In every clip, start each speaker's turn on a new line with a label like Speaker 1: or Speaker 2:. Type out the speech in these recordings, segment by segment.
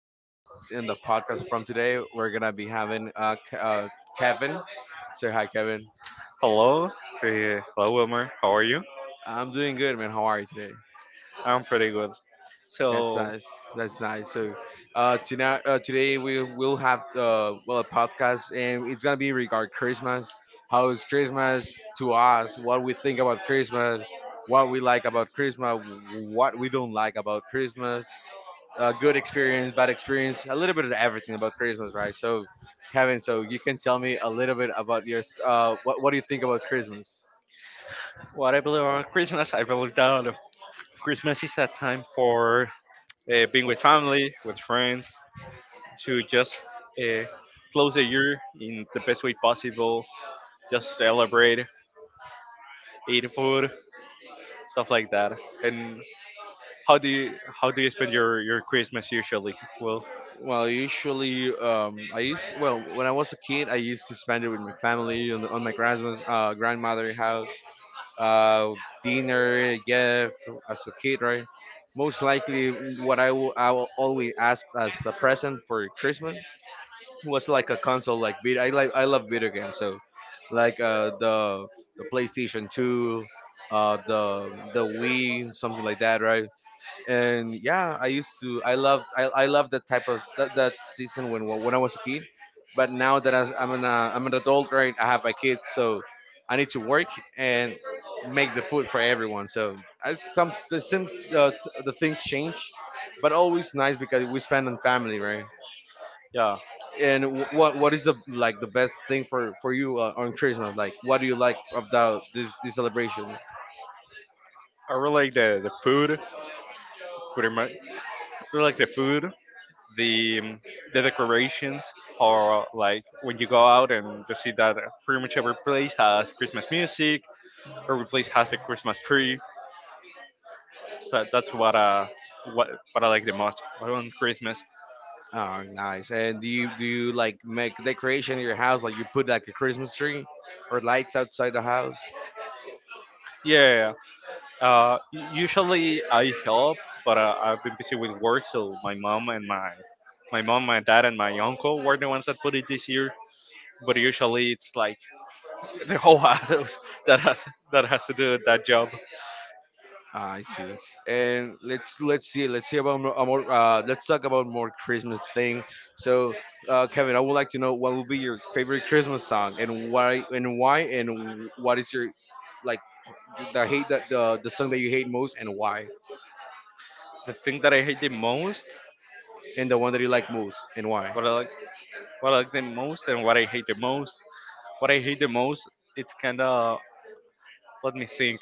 Speaker 1: and in the podcast from today, we're gonna be having Kevin. So hi, Kevin.
Speaker 2: Hello, hello Wilmer. How are you?
Speaker 1: I'm doing good, man. How are you today?
Speaker 2: I'm pretty good.
Speaker 1: That's
Speaker 2: So,
Speaker 1: nice. That's nice. Tonight, today we will have well a podcast, and it's gonna be regard Christmas. How is Christmas to us? What we think about Christmas? What we like about Christmas? What we don't like about Christmas? Good experience, bad experience, a little bit of everything about Christmas, right? So, Kevin, so you can tell me a little bit about your what do you think about Christmas?
Speaker 2: what I believe about Christmas, I believe that Christmas is a time for being with family, with friends, to just uh, close the year in the best way possible. Just celebrate, eat food, stuff like that. And how do you spend your Christmas usually? Well,
Speaker 1: Well, usually, I used well when I was a kid, I used to spend it with my family on my grandma's grandmother house, uh, dinner, gift as a kid, right? Most likely, what I will always ask as a present for Christmas was like a console like I love video games, so like the PlayStation 2, the Wii, something like that, right? And yeah, I used to I loved that type of that season when I was a kid. But now that I'm an adult, right? I have my kids, so I need to work and make the food for everyone, so I some the sim uh, the things change, but always nice because we spend on family, right?
Speaker 2: yeah,
Speaker 1: And what is the like the best thing for you on Christmas? Like, what do you like about this celebration?
Speaker 2: I really like the food. Pretty much, I really like the food. the um, the decorations, or like when you go out and you see that pretty much every place has Christmas music, every place has a Christmas tree. So that's what I like the most on Christmas.
Speaker 1: Oh, nice. And do you like make decoration in your house? Like you put like a Christmas tree or lights outside the house?
Speaker 2: Yeah, usually I help, but I've been busy with work, so my mom and my mom, my dad, and my uncle were the ones that put it this year. But usually it's like the whole house that has to do that job.
Speaker 1: Ah, I see. And let's let's see about more, let's talk about more Christmas thing. So, Kevin, I would like to know what will be your favorite Christmas song and why and what is your like the hate that the song that you hate most and why?
Speaker 2: The thing that I hate the most.
Speaker 1: And the one that you like most, and why?
Speaker 2: What I like, what I like the most, and what I hate the most. What I hate the most, it's kind of, let me think.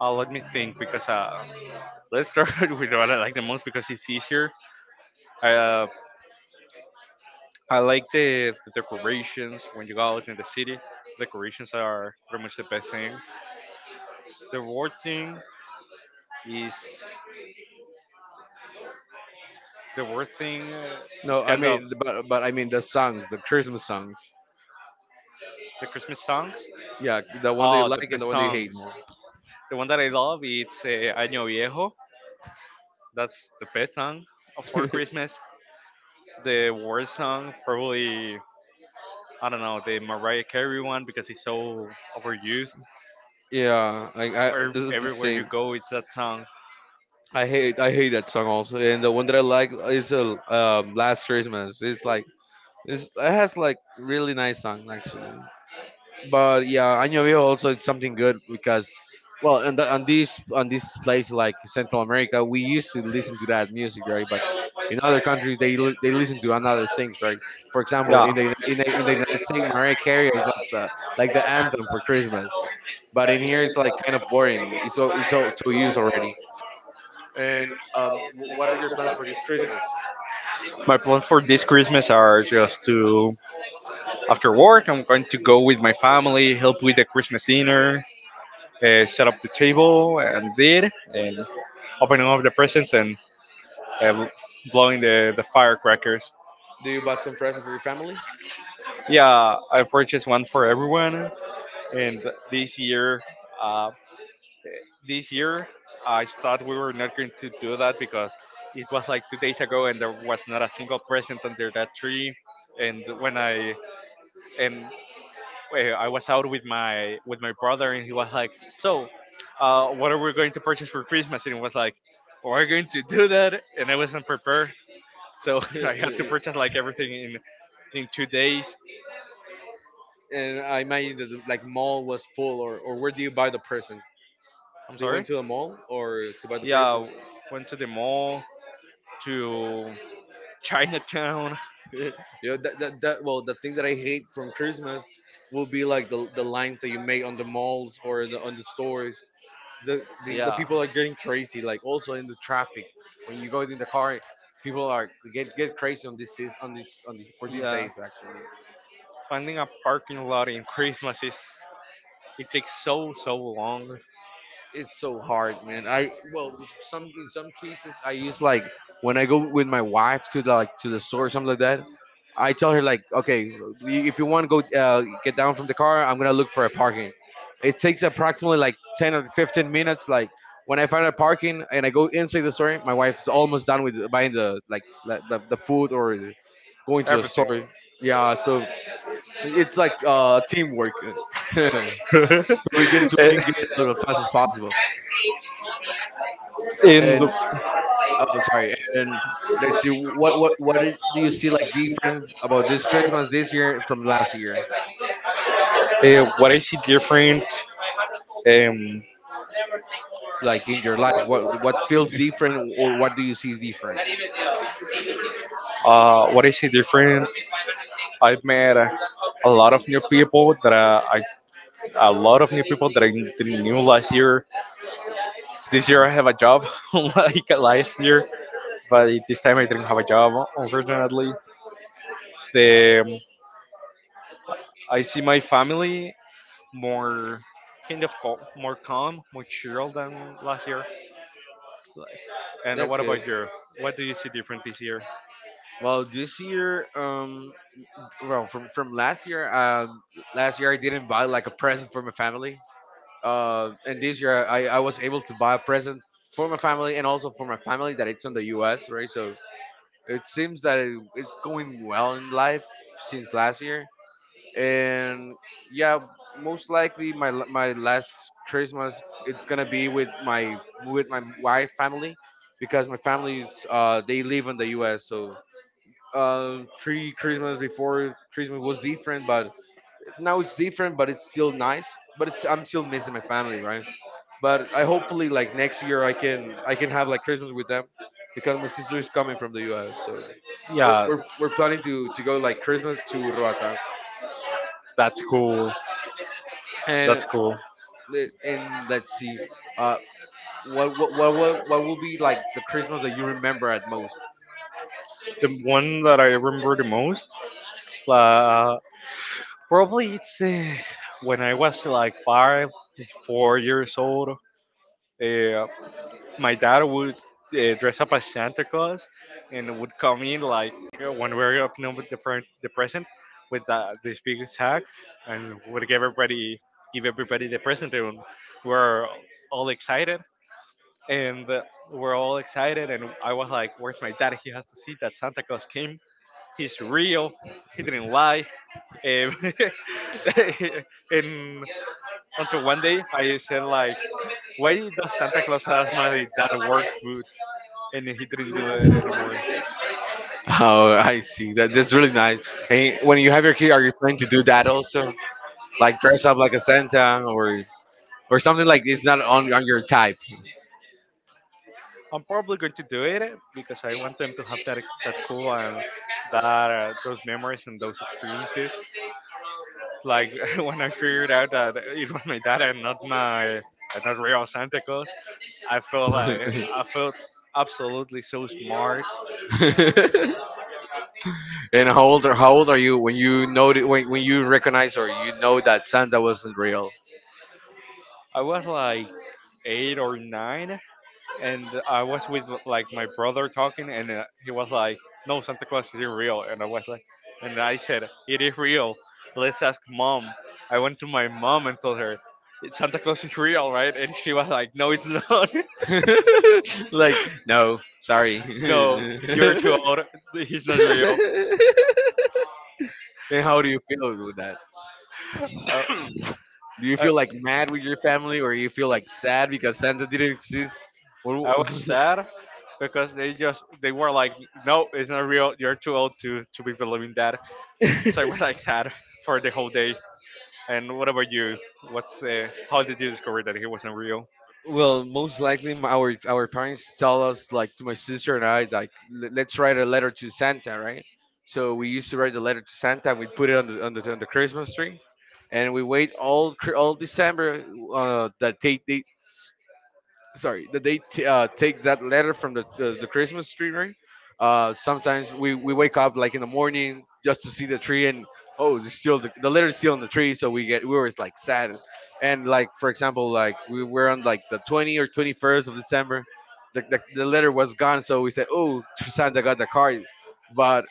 Speaker 2: Let me think, because let's start with what I like the most because it's easier. I uh, I like the decorations when you go out in the city. Decorations are pretty much the best thing. The worst thing is the worst thing. It's
Speaker 1: No, I
Speaker 2: kind of
Speaker 1: mean, but I mean the songs, the Christmas songs.
Speaker 2: the Christmas songs.
Speaker 1: Yeah, the one that you
Speaker 2: Oh, the
Speaker 1: like and the
Speaker 2: best
Speaker 1: one that you
Speaker 2: songs.
Speaker 1: hate more.
Speaker 2: The one that I love, it's Año Viejo. That's the best song for Christmas. The worst song, probably, I don't know, the Mariah Carey one because it's so overused.
Speaker 1: Yeah, like I
Speaker 2: Where
Speaker 1: this is the
Speaker 2: everywhere you
Speaker 1: same.
Speaker 2: go, it's that song.
Speaker 1: I hate that song also, and the one that I like is Last Christmas. It's like it's, it has like really nice song actually. But yeah, Año Viejo also is something good because, well, and the, on this place like Central America, we used to listen to that music, right? But in other countries, they they listen to another things, right? For example,
Speaker 2: Yeah.
Speaker 1: in the United States, Mariah Carey is like the anthem for Christmas, but in here it's like kind of boring. It's so so used already. And what are your plans for this Christmas?
Speaker 2: My plans for this Christmas are just to, after work, I'm going to go with my family, help with the Christmas dinner, set up the table, and opening up the presents, and uh, blowing the firecrackers.
Speaker 1: Do you bought some present for your family?
Speaker 2: Yeah, I purchased one for everyone. and this year, uh, this year, I thought we were not going to do that because it was like 2 days ago, and there was not a single present under that tree. And when I, and, well, I was out with my brother, and he was like, "So, what are we going to purchase for Christmas?" And it was like, "Oh, we're going to do that," and I wasn't prepared, so I had to purchase like everything in 2 days.
Speaker 1: And I imagine that the like mall was full, or where do you buy the person?
Speaker 2: I'm
Speaker 1: They went
Speaker 2: sorry.
Speaker 1: to the mall or to buy the person?
Speaker 2: Yeah, went to the mall, to Chinatown.
Speaker 1: You know that, well the thing that I hate from Christmas will be like the lines that you make on the malls or on the stores. The
Speaker 2: Yeah,
Speaker 1: people are getting crazy. Like also in the traffic when you go in the car, people are get crazy on this is on this for these
Speaker 2: yeah.
Speaker 1: days actually.
Speaker 2: Finding a parking lot in Christmas is it takes so, so long.
Speaker 1: It's so hard, man. I well, some in some cases I use like when I go with my wife to the, like to the store or something like that. I tell her like, okay, if you want to go get down from the car, I'm gonna look for a parking. It takes approximately like 10 or 15 minutes. Like when I find a parking and I go inside the store, my wife is almost done with buying the like the food or going to the
Speaker 2: Everything.
Speaker 1: store. Yeah, so it's like teamwork. So we can
Speaker 2: Eh,
Speaker 1: get out as fast as possible.
Speaker 2: and
Speaker 1: And. Oh, sorry. And let us you what do you see like different about this Christmas this year from last year?
Speaker 2: What I see different, um,
Speaker 1: Like in your life, what feels different or what do you see different?
Speaker 2: uh, what I see different, I've met a lot of new people that I, a lot of new people that I didn't knew last year. This year I have a job, unlike last year. But this time I didn't have a job, unfortunately. The I see my family more, kind of cal- more calm, more chill than last year. And
Speaker 1: That's
Speaker 2: what about
Speaker 1: good.
Speaker 2: you? What do you see different this year?
Speaker 1: Well, this year, well from last year I didn't buy like a present for my family. And this year I was able to buy a present for my family and also for my family that it's in the U.S. Right, so it seems that it's going well in life since last year. And yeah, most likely my last Christmas it's gonna be with my wife family, because my family's they live in the US. So um, three Christmas before Christmas was different, but now it's different, but it's still nice, but it's I'm still missing my family, right? But I hopefully like next year I can have like Christmas with them, because my sister is coming from the US. So we're,
Speaker 2: Yeah,
Speaker 1: we're planning to go like Christmas to roatan
Speaker 2: that's cool.
Speaker 1: and
Speaker 2: That's cool.
Speaker 1: Let's see uh what will be like the Christmas that you remember at most?
Speaker 2: The one that I remember the most, uh, probably it's when I was like 5, 4 years old. Uh, my dad would dress up as Santa Claus and would come in, like, when we were opening up the present with this big sack, and would give everybody the present, and we're all excited and uh, we're all excited, and I was like, "Where's my dad? He has to see that Santa Claus came. He's real. He didn't lie." Um, and until one day, I said like, "Why does Santa Claus has my dad works boot?" And he didn't do it anymore.
Speaker 1: Oh, I see that, that's really nice. And when you have your kid, are you planning to do that also, like dress up like a Santa, or something? Like it's not on your type?
Speaker 2: I'm probably going to do it because I want them to have that cool, and that those memories and those experiences. Like when I figured out that it was my dad and not my, and not real Santa Claus, I felt, absolutely so smart.
Speaker 1: And how old are you when you know when you recognize or you know that Santa wasn't real?
Speaker 2: I was like 8 or 9, and I was with like my brother talking, and he was like, "No, Santa Claus isn't real," and I said, "It is real. Let's ask mom." I went to my mom and told her, "Santa Claus is real, right?" And she was like, "No, it's not.
Speaker 1: Like, no, sorry.
Speaker 2: No,
Speaker 1: And
Speaker 2: you're too old. He's not real."
Speaker 1: how do you feel with that?
Speaker 2: Uh,
Speaker 1: Do you
Speaker 2: I,
Speaker 1: feel like mad with your family, or you feel like sad because Santa didn't exist?
Speaker 2: I
Speaker 1: Or?
Speaker 2: was sad because they were like, "No, it's not real. You're too old to be believing that." So I was like sad for the whole day. And what about you? What's how did you discover that he wasn't real?
Speaker 1: Well, most likely our parents tell us like to my sister and I, like, Let's write a letter to Santa, right?" So we used to write the letter to Santa. We put it on on the Christmas tree, and we wait all all December, that they sorry that they t- take that letter from the Christmas tree, right? Sometimes we wake up like in the morning just to see the tree, and oh, it's still the letter is still on the tree, so we were like sad. And like for example, like we were on like the 20th or 21st of December, the letter was gone, so we said oh, Santa got the card. But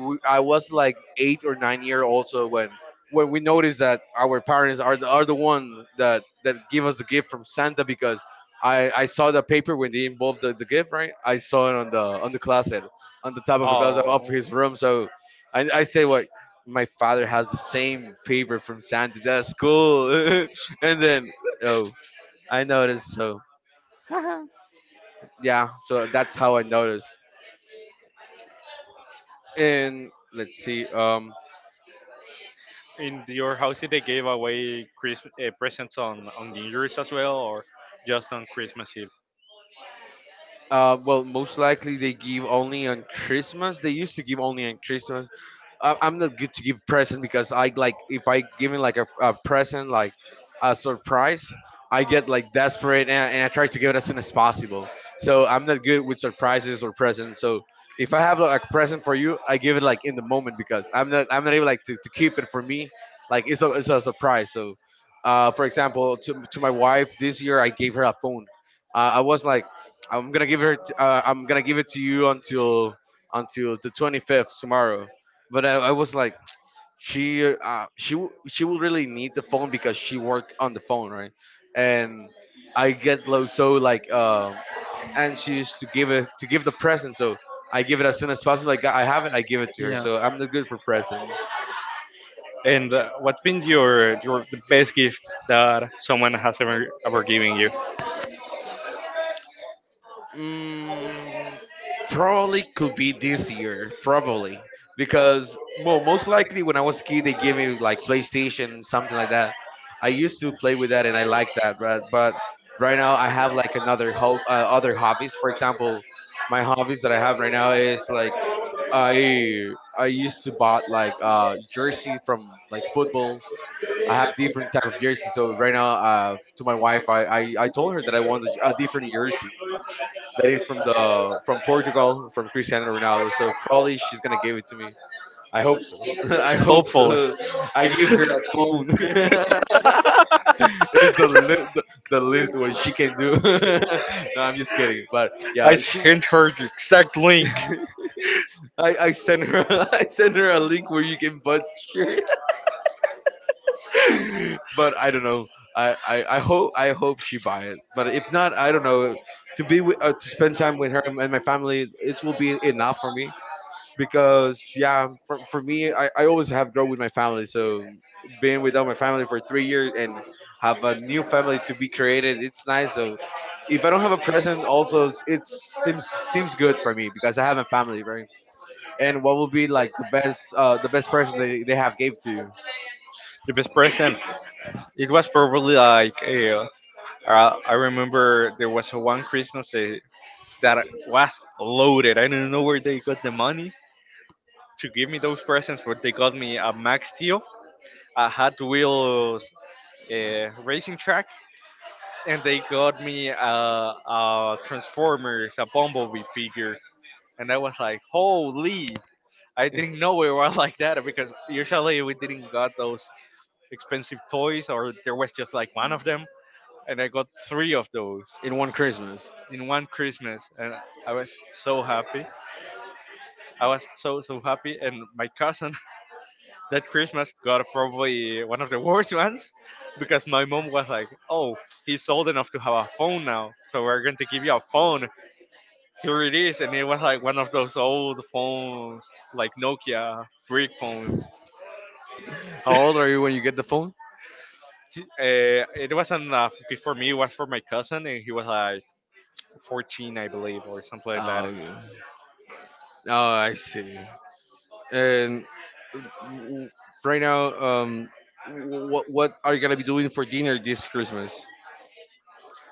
Speaker 1: I was like 8 or 9 year old. So when we noticed that our parents are the one that give us the gift from Santa, because I saw the paper when they involved the gift, right? I saw it on the closet, on the top of the closet of
Speaker 2: Oh,
Speaker 1: his room. So I say what. My father has the same paper from Santa. That's cool. And then, oh, I noticed. So, yeah, so that's how I noticed. And let's see.
Speaker 2: in your house, they gave away presents on New Year's as well, or just on Christmas Eve?
Speaker 1: Uh, well, most likely they give only on Christmas. They used to give only on Christmas. I'm not good to give present, because I like, if I give him like a present like a surprise, I get like desperate, and I try to give it as soon as possible. So I'm not good with surprises or presents. So if I have like, a present for you, I give it like in the moment, because I'm not able like to keep it for me. Like it's a surprise. So. For example, to my wife this year, I gave her a phone. I was like, I'm gonna give her. I'm gonna give it to you until the 25th tomorrow. But I was like, she will really need the phone because she work on the phone, right? And I get low so like anxious to give it to give the present. So I give it as soon as possible. Like I have it, I give it to her. So I'm not good for present.
Speaker 2: And what's been your the best gift that someone has ever given you?
Speaker 1: Mm, probably could be this year, probably because well, most likely when I was a kid, they gave me like PlayStation, something like that. I used to play with that, and I like that, but right now I have like another other hobbies. For example, my hobbies that I have right now is like I I used to bought like jerseys from like footballs. I have different type of jerseys. So right now, to my wife, I told her that I want a different jersey that is from the from Portugal, from Cristiano Ronaldo. So probably she's gonna give it to me. I hope so. I hope
Speaker 2: Hopefully.
Speaker 1: so. I gave her a phone. It's the, li- the list what she can do. No, I'm just kidding. But
Speaker 2: I
Speaker 1: yeah, she.
Speaker 2: sent her the exact link.
Speaker 1: I sent her I sent her a link where you can butt shirt. But I don't know. I hope she buy it. But if not, I don't know. To spend time with her and my family, it will be enough for me because yeah, for me, I always have grown with my family. So being without my family for 3 years and have a new family to be created, it's nice. So if I don't have a present also, it seems good for me because I have a family, right? And what will be like the best the best present they have gave to you
Speaker 2: The best present. It was probably like I remember there was one Christmas that that was loaded. I don't know where they got the money to give me those presents, but they got me a Max Steel, a Hot Wheels racing track, and they got me a Transformers, a Bumblebee figure, and I was like, holy! I didn't know it was like that because usually we didn't got those expensive toys, or there was just like one of them, and I got three of those
Speaker 1: in one Christmas.
Speaker 2: in one Christmas, and I was so happy. I was so, so happy, and my cousin that Christmas got probably one of the worst ones, because my mom was like, "Oh, he's old enough to have a phone now, so we're going to give you a phone." Here it is, and it was like one of those old phones, like Nokia brick phones.
Speaker 1: How old are you when you get the phone?
Speaker 2: It wasn't, because for me, it was for my cousin, and he was like 14, I believe, or something like
Speaker 1: Oh,
Speaker 2: that.
Speaker 1: okay. Oh, I see. And w- right now, what are you gonna be doing for dinner this Christmas?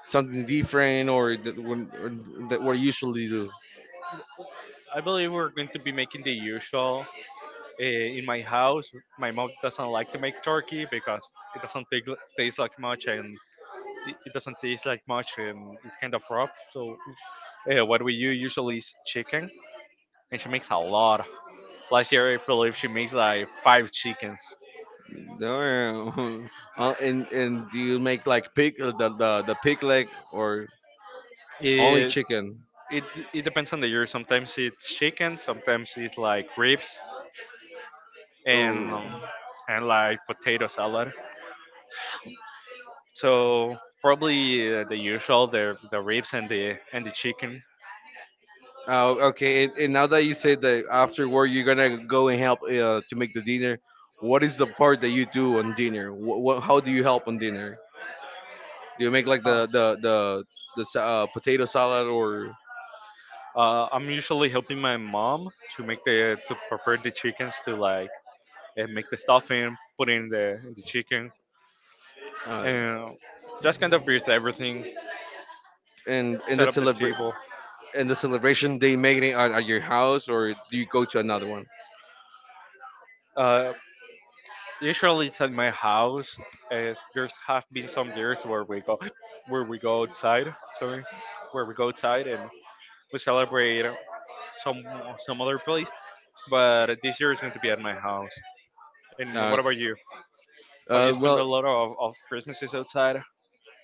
Speaker 1: Something different, or that, or that what you usually do?
Speaker 2: I believe we're going to be making the usual, in my house. My mom doesn't like to make turkey because it doesn't take, taste like much, and it doesn't taste like much, and it's kind of rough. So, what we do usually is chicken, and she makes a lot. Last year, I believe she made like five chickens.
Speaker 1: Damn. And do you make like pig the pig leg or only
Speaker 2: It
Speaker 1: chicken?
Speaker 2: it it depends on the year. Sometimes it's chicken, sometimes it's like ribs and
Speaker 1: Oh,
Speaker 2: like potato salad. So probably the usual, the ribs and the chicken.
Speaker 1: oh, okay. And now that you said that after work you're gonna go and help to make the dinner, what is the part that you do on dinner? What how do you help on dinner? Do you make like
Speaker 2: Oh,
Speaker 1: the potato salad or
Speaker 2: I'm usually helping my mom to make the to prepare the chickens to like and make the stuffing, put in the chicken,
Speaker 1: uh,
Speaker 2: and just kind of with everything,
Speaker 1: and
Speaker 2: set up the table.
Speaker 1: in the celebration, they make it at your house or do you go to another one?
Speaker 2: Uh, Usually it's at my house. There's have been some years where where we go outside. Sorry, where we go outside, and we celebrate some some other place. But this year it's going to be at my house. And
Speaker 1: Uh,
Speaker 2: what about you? Have you spent
Speaker 1: well,
Speaker 2: a lot of Christmases outside?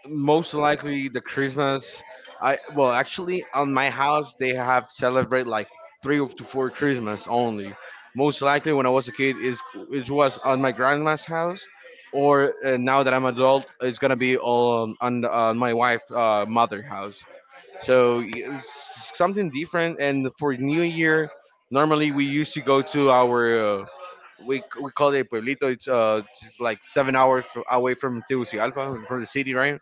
Speaker 1: most likely the Christmas. I Well, actually on my house they have celebrate like three to four Christmas only. Most likely when I was a kid is it was on my grandma's house, or now that I'm adult, it's gonna be on on my wife's mother house. So something different. And for New Year, normally we used to go to our we call it pueblito. It's just like 7 hours away from Tegucigalpa, from the city, right?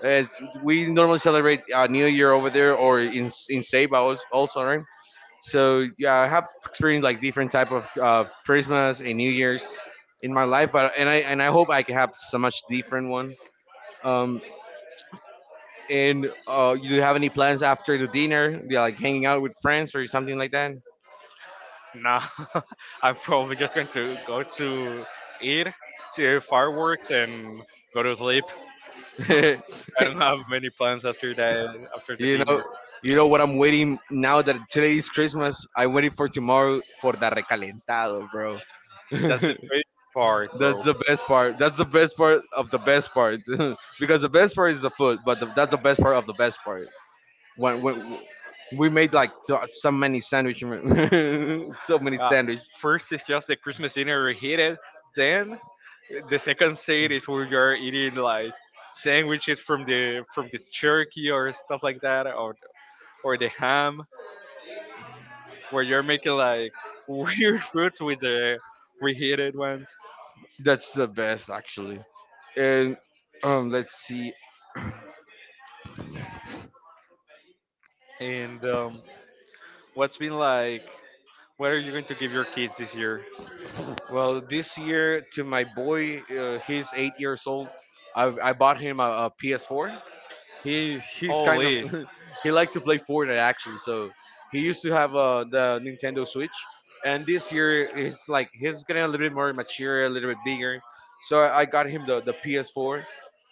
Speaker 1: We normally celebrate New Year over there or in Ceiba also, right? So yeah, I have experienced like different type of Christmas and New Year's in my life, but and I hope I can have so much different one. Um. And you have any plans after the dinner? Yeah, like hanging out with friends or something like that.
Speaker 2: Nah, I'm probably just going to go to eat, see fireworks, and go to sleep. I don't have many plans after that. After the
Speaker 1: you know,
Speaker 2: dinner,
Speaker 1: you know what I'm waiting now that today is Christmas. I'm waiting for tomorrow for the recalentado, bro.
Speaker 2: that's the
Speaker 1: That's
Speaker 2: great part, bro.
Speaker 1: the best part. That's the best part of the best part. Because the best part is the food, but that's the best part of the best part. When we made like so many sandwich, so many
Speaker 2: Uh,
Speaker 1: sandwich.
Speaker 2: first is just the Christmas dinner reheated. Then the second state is where you're eating like sandwiches from the turkey or stuff like that, or the ham, where you're making like weird foods with the reheated ones.
Speaker 1: That's the best actually. And let's see.
Speaker 2: And what's been like? What are you going to give your kids this year?
Speaker 1: Well, this year to my boy, he's 8 years old. I bought him PS4. He's kind of
Speaker 2: Holy,
Speaker 1: he liked to play Fortnite actually. So he used to have the Nintendo Switch, and this year it's like he's getting a little bit more mature, a little bit bigger. So I got him the PS4.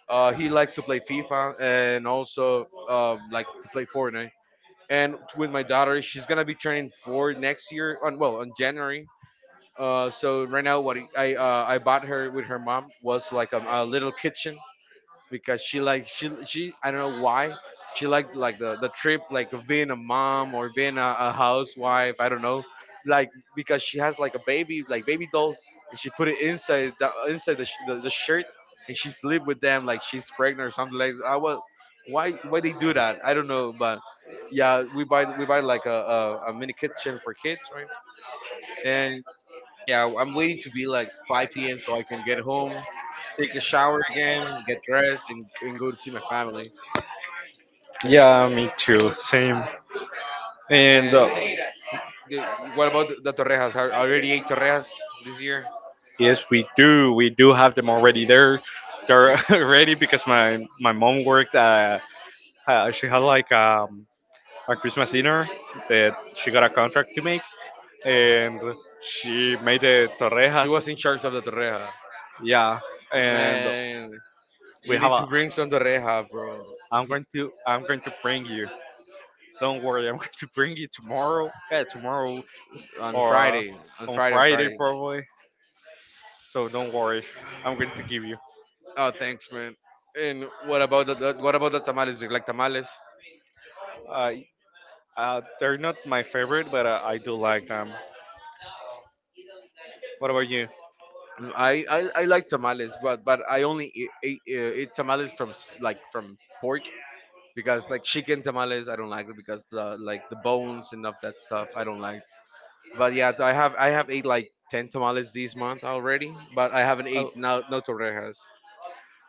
Speaker 1: He likes to play FIFA and also like to play Fortnite. And with my daughter, she's gonna be turning 4 next year, on, well, on January. So right now, what I bought her with her mom was like a little kitchen because she I don't know why she liked like the trip like of being a mom or being a housewife. I don't know, like because she has like a baby like baby dolls and she put it inside the the shirt and she sleep with them like she's pregnant or something like that. I was why they do that? I don't know, but yeah, we buy like a mini kitchen for kids, right? and. Yeah, I'm waiting to be like 5 p.m. so I can get home, take a shower again, get dressed, and go to see my family.
Speaker 2: yeah, me too. Same. And
Speaker 1: And the, what about the torrejas? I already ate torrejas this year.
Speaker 2: Yes, we do. We do have them already there. They're
Speaker 1: Y-
Speaker 2: ready because my mom worked. She had like a Christmas dinner that she got a contract to make, and she made the
Speaker 1: She
Speaker 2: torrejas.
Speaker 1: was in charge of the torreja.
Speaker 2: Yeah, and
Speaker 1: Man,
Speaker 2: we
Speaker 1: you
Speaker 2: have
Speaker 1: need
Speaker 2: a.
Speaker 1: to bring some torreja, bro.
Speaker 2: I'm going to bring you. Don't worry, I'm going to bring you tomorrow. Yeah, tomorrow,
Speaker 1: On
Speaker 2: or
Speaker 1: Friday, on
Speaker 2: on
Speaker 1: Friday, on
Speaker 2: Friday
Speaker 1: Friday.
Speaker 2: probably. So don't worry, I'm going to give you.
Speaker 1: Oh, thanks, man. And what about the tamales? Do you like tamales?
Speaker 2: Uh, they're not my favorite, but I do like them. What about you?
Speaker 1: I like tamales, but I only eat tamales from like from pork because like chicken tamales I don't like it because the like the bones and of that stuff I don't like. But yeah, I have ate like 10 tamales this month already, but I haven't
Speaker 2: Oh,
Speaker 1: ate no torrejas.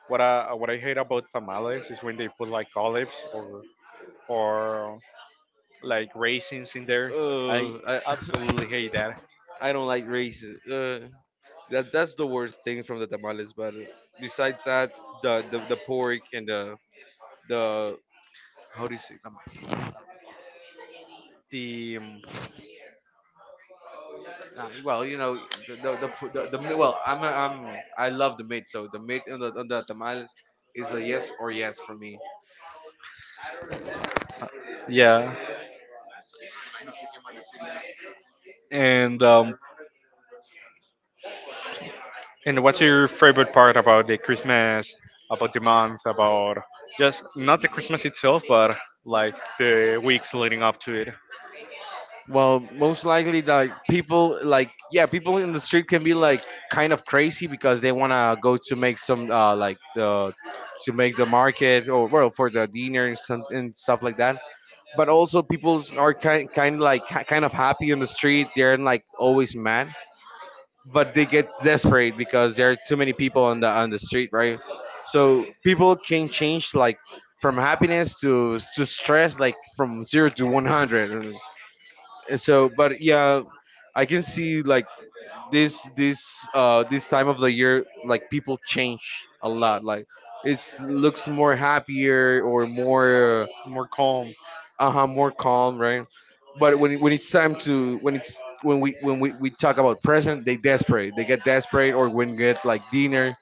Speaker 2: what I hate about tamales is when they put like olives or or like raisins in there. I
Speaker 1: Ugh, I
Speaker 2: absolutely hate that.
Speaker 1: I don't like races. That's the worst thing from the tamales. But besides that, the pork and the how do you say,
Speaker 2: The
Speaker 1: nah, well, the, pu- the mi- well I'm a, I'm I love the meat, so the meat on the tamales is a yes or yes for me.
Speaker 2: Yeah, and what's your favorite part about the Christmas, about the month, about just not the Christmas itself, but like the weeks leading up to it?
Speaker 1: Well, most likely, like people, like yeah, people in the street can be like kind of crazy because they wanna go to make the market or well for the dinner and some and stuff like that. But also, people are kind of happy in the street. They're like always mad, but they get desperate because there are too many people on the street, right? So people can change like from happiness to stress, like from 0 to 100. So but yeah, I can see like this time of the year like people change a lot, like, it's looks more happier or more...
Speaker 2: More calm.
Speaker 1: Uh-huh, more calm, right? But when, when it's time to when it's, when we talk about present, they get desperate, or when get like dinner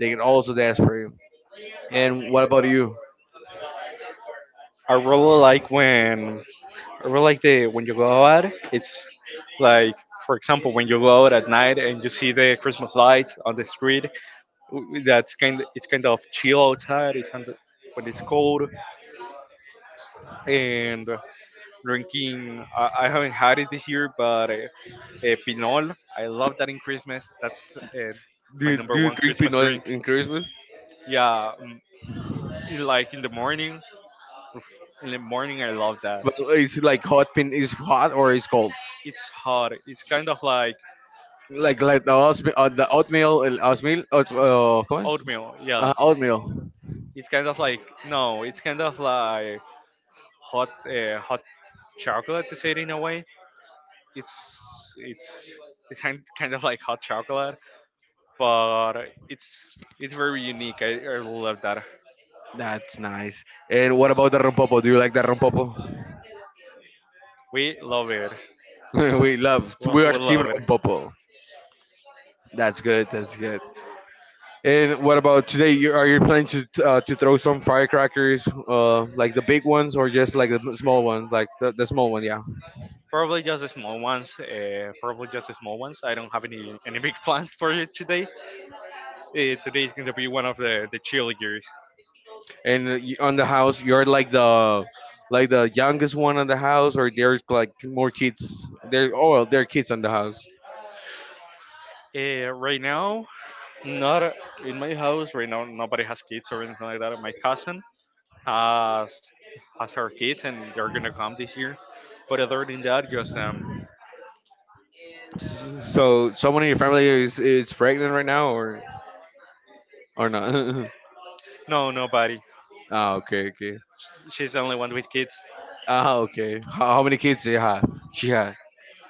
Speaker 1: they get also desperate. And what about you?
Speaker 2: I really like when I really like the when you go out. It's like, for example, when you go out at night and you see the Christmas lights on the street. That's kind. It's kind of chill outside. It's kind of, but it's cold and. Drinking. I haven't had it this year, but Pinol. I love that in Christmas. That's
Speaker 1: do
Speaker 2: my
Speaker 1: you,
Speaker 2: number
Speaker 1: do you
Speaker 2: one
Speaker 1: drink
Speaker 2: Christmas
Speaker 1: pinot in,
Speaker 2: drink.
Speaker 1: in Christmas?
Speaker 2: Yeah, mm, like in the morning. In the morning, I love that.
Speaker 1: But is it like hot pin is it hot or is cold?
Speaker 2: It's hot. It's kind of like
Speaker 1: Like the oatmeal, el oatmeal, ¿cómo es?
Speaker 2: oatmeal.
Speaker 1: Ajá,
Speaker 2: Yeah,
Speaker 1: oatmeal.
Speaker 2: it's kind of like no. It's kind of like hot, hot chocolate to say it in a way. It's it's kind of like hot chocolate, but it's very unique. I love that.
Speaker 1: That's nice. And what about the rompopo? Do you like the rompopo?
Speaker 2: We love it.
Speaker 1: We love.
Speaker 2: Well,
Speaker 1: We are
Speaker 2: we
Speaker 1: team
Speaker 2: love it.
Speaker 1: rompopo. That's good. That's good. And what about today? Are you planning to throw some firecrackers, like the big ones, or just like the small ones, like the small one? Yeah.
Speaker 2: Probably just the small ones. Probably just the small ones. I don't have any big plans for you today. Uh, Today is going to be one of the chill years.
Speaker 1: And on the house, you're like the youngest one on the house, or there's like more kids. Oh, well, there are kids on the house.
Speaker 2: Right now, not in my house. Right now, nobody has kids or anything like that. My cousin has has her kids, and they're gonna come this year. But other than that, just.
Speaker 1: So someone in your family is pregnant right now, or not?
Speaker 2: No, nobody.
Speaker 1: Ah, okay, okay.
Speaker 2: She's the only one with kids.
Speaker 1: Ah, okay. How many kids do you have? She had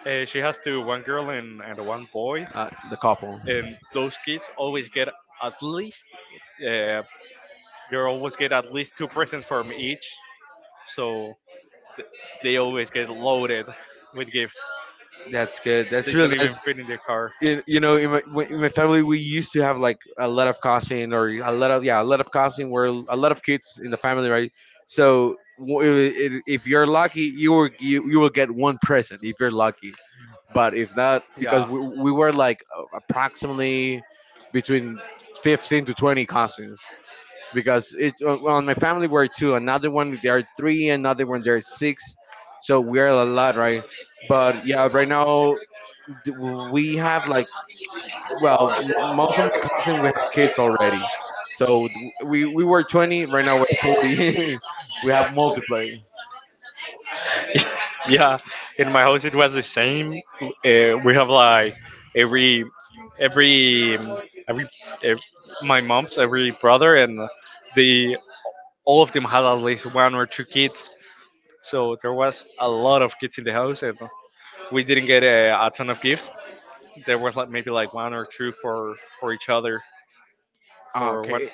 Speaker 2: She has two, one girl and one boy.
Speaker 1: the couple.
Speaker 2: And those kids always get at least uh, they always get at least two presents from each so th- they always get loaded with gifts.
Speaker 1: That's good. That's
Speaker 2: They don't
Speaker 1: real
Speaker 2: even
Speaker 1: nice.
Speaker 2: fit in their car.
Speaker 1: You know, in my family, we used to have like a lot of cousin or a lot of, yeah, a lot of cousin are a lot of kids in the family, right? So if you're lucky, you will you will get one present if you're lucky. But if not, because
Speaker 2: yeah
Speaker 1: we were like approximately between 15 to 20 cousins because it well, in my family were two, another one there are three, another one there are six. So we're a lot, right? But yeah, right now we have like, well, most of my cousins we have kids already, so we were 20. Right now we're 40. We have multiplay.
Speaker 2: yeah in my house it was the same. Uh, we have like every every um, every ev- My mom's every brother and they all of them had at least one or two kids. So there was a lot of kids in the house, and we didn't get a ton of gifts. There was like maybe like one or two for each other.
Speaker 1: Ah,
Speaker 2: For
Speaker 1: okay.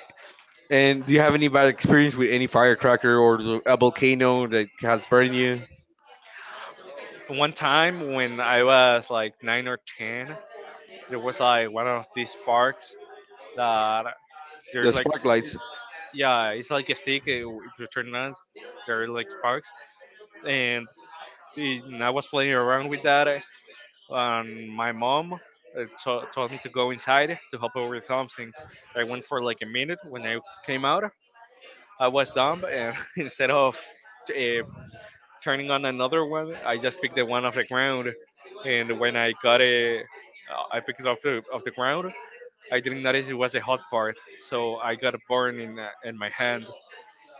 Speaker 1: And do you have any bad experience with any firecracker or a volcano that has burned you?
Speaker 2: one time when I was like nine or ten, there was like one of these parks that
Speaker 1: The
Speaker 2: there's like
Speaker 1: spark lights.
Speaker 2: Yeah, it's like a stick. It you turn on, there are like sparks, and I was playing around with that, and my mom told me to go inside to help her with something. I went for like a minute. When I came out, I was dumb, and instead of uh, turning on another one, I just picked the one off the ground. And when I got it, I picked it off the ground. I didn't notice it was a hot part, so I got a burn in my hand.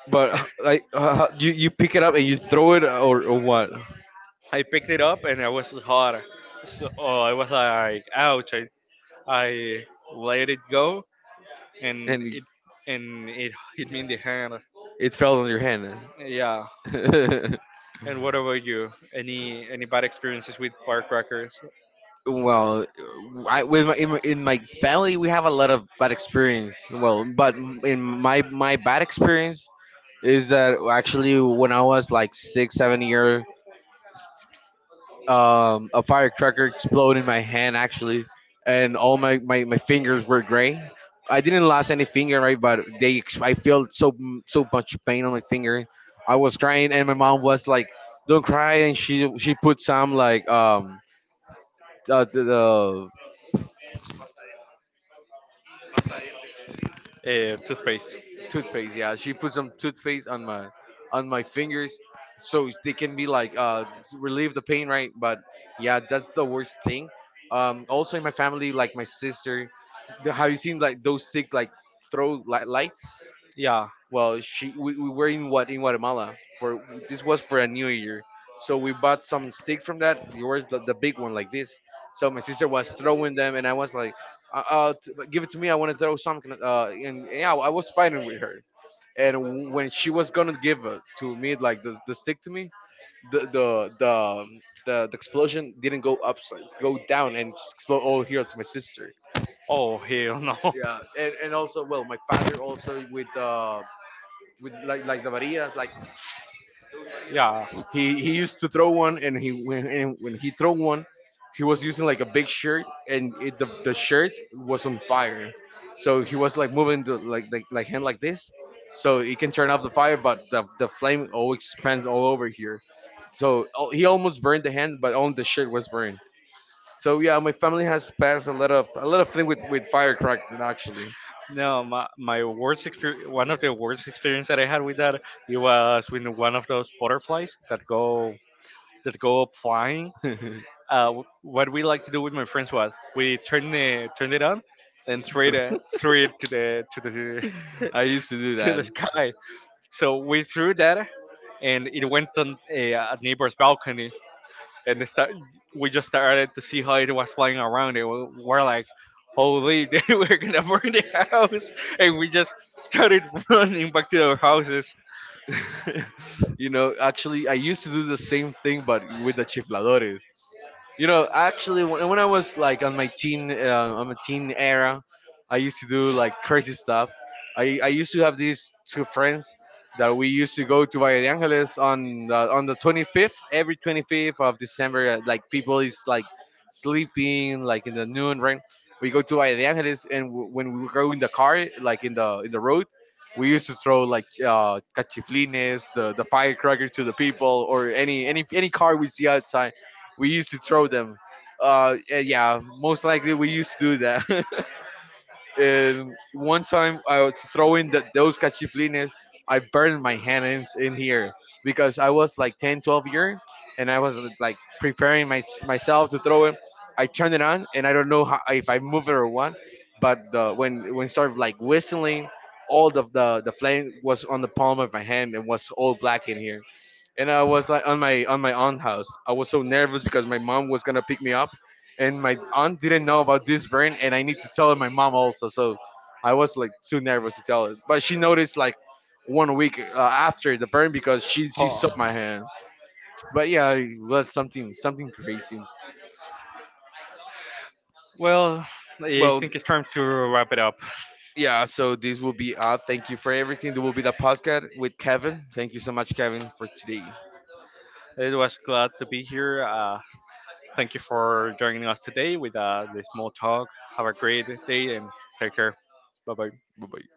Speaker 1: But you pick it up and you throw it, or what?
Speaker 2: I picked it up and I was hot, so oh, I was like, ouch! I let it go and
Speaker 1: And
Speaker 2: it hit me in the head.
Speaker 1: it fell on your hand.
Speaker 2: Yeah. And what about you? Any bad experiences with firecrackers?
Speaker 1: Well, I, with my, in, my- in my family we have a lot of bad experience. Well, but in my bad experience is that actually when I was like 6, 7 year, a firecracker exploded in my hand actually, and all my fingers were gray. I didn't lose any finger, right? But I felt so much pain on my finger. I was crying, and my mom was like, "Don't cry," and she put some like the
Speaker 2: Toothpaste.
Speaker 1: Toothpaste, yeah. She put some toothpaste on my fingers so they can be like relieve the pain, right? But yeah, that's the worst thing. Also in my family, like my sister, have you seen like those stick like lights?
Speaker 2: Yeah.
Speaker 1: Well, we were in what in Guatemala for this was for a new year. So we bought some stick from that. Yours the big one like this. So my sister was throwing them and I was like give it to me. I want to throw something. And yeah, I was fighting with her and when she was gonna give it to me like the stick to me the the the um, the explosion didn't go upside go down and explode all here to my sister.
Speaker 2: Oh hell no.
Speaker 1: Yeah, and also well my father also with like the varillas like.
Speaker 2: Yeah.
Speaker 1: He used to throw one, and he when and when he throw one, he was using like a big shirt, and the shirt was on fire. So he was like moving the hand like this, so he can turn off the fire, but the flame all expands all over here. He almost burned the hand, but only the shirt was burned. So yeah, my family has passed a lot of thing with firecracker actually.
Speaker 2: No, my worst experience, one of the worst experience that I had with that, it was with one of those butterflies that go up flying, what we like to do with my friends was we turned it on, then threw it to the
Speaker 1: Throw- I used to do
Speaker 2: to
Speaker 1: that.
Speaker 2: the sky. So we threw that, and it went on a neighbor's balcony, and we just started to see how it was flying around. And we were like, "Holy, we're gonna burn the house!" And we just started running back to our houses.
Speaker 1: You know, actually, I used to do the same thing, but with the chifladores. You know, actually, when I was like on my teen era, I used to do like crazy stuff. I used to have these two friends that we used to go to Valle de Angeles on on the 25th, every 25th of December. Like people is like sleeping, like in the noon, right? We go to Valle de Angeles, and when we go in the car, like in the road, we used to throw like cachiflines, the firecracker to the people, or any car we see outside we used to throw them. And yeah, most likely we used to do that. And one time I was throwing those cachiflines, I burned my hands in here because I was like 10, 12 year and I was like preparing myself to throw it. I turned it on and I don't know how, if I move it or what, but when it started like whistling, all of the flame was on the palm of my hand and was all black in here and I was like on my aunt house. I was so nervous because my mom was gonna pick me up, and my aunt didn't know about this burn, and I need to tell my mom also. So I was like too nervous to tell her, but she noticed like 1 week after the burn because she
Speaker 2: Oh.
Speaker 1: saw my hand. But yeah, it was something crazy.
Speaker 2: Well, I
Speaker 1: Well,
Speaker 2: think it's time to wrap it up.
Speaker 1: yeah. So this will be thank you for everything. This will be the podcast with Kevin. Thank you so much, Kevin, for today.
Speaker 2: It was glad to be here. Thank you for joining us today with the small talk. Have a great day and take care. Bye bye.
Speaker 1: Bye bye.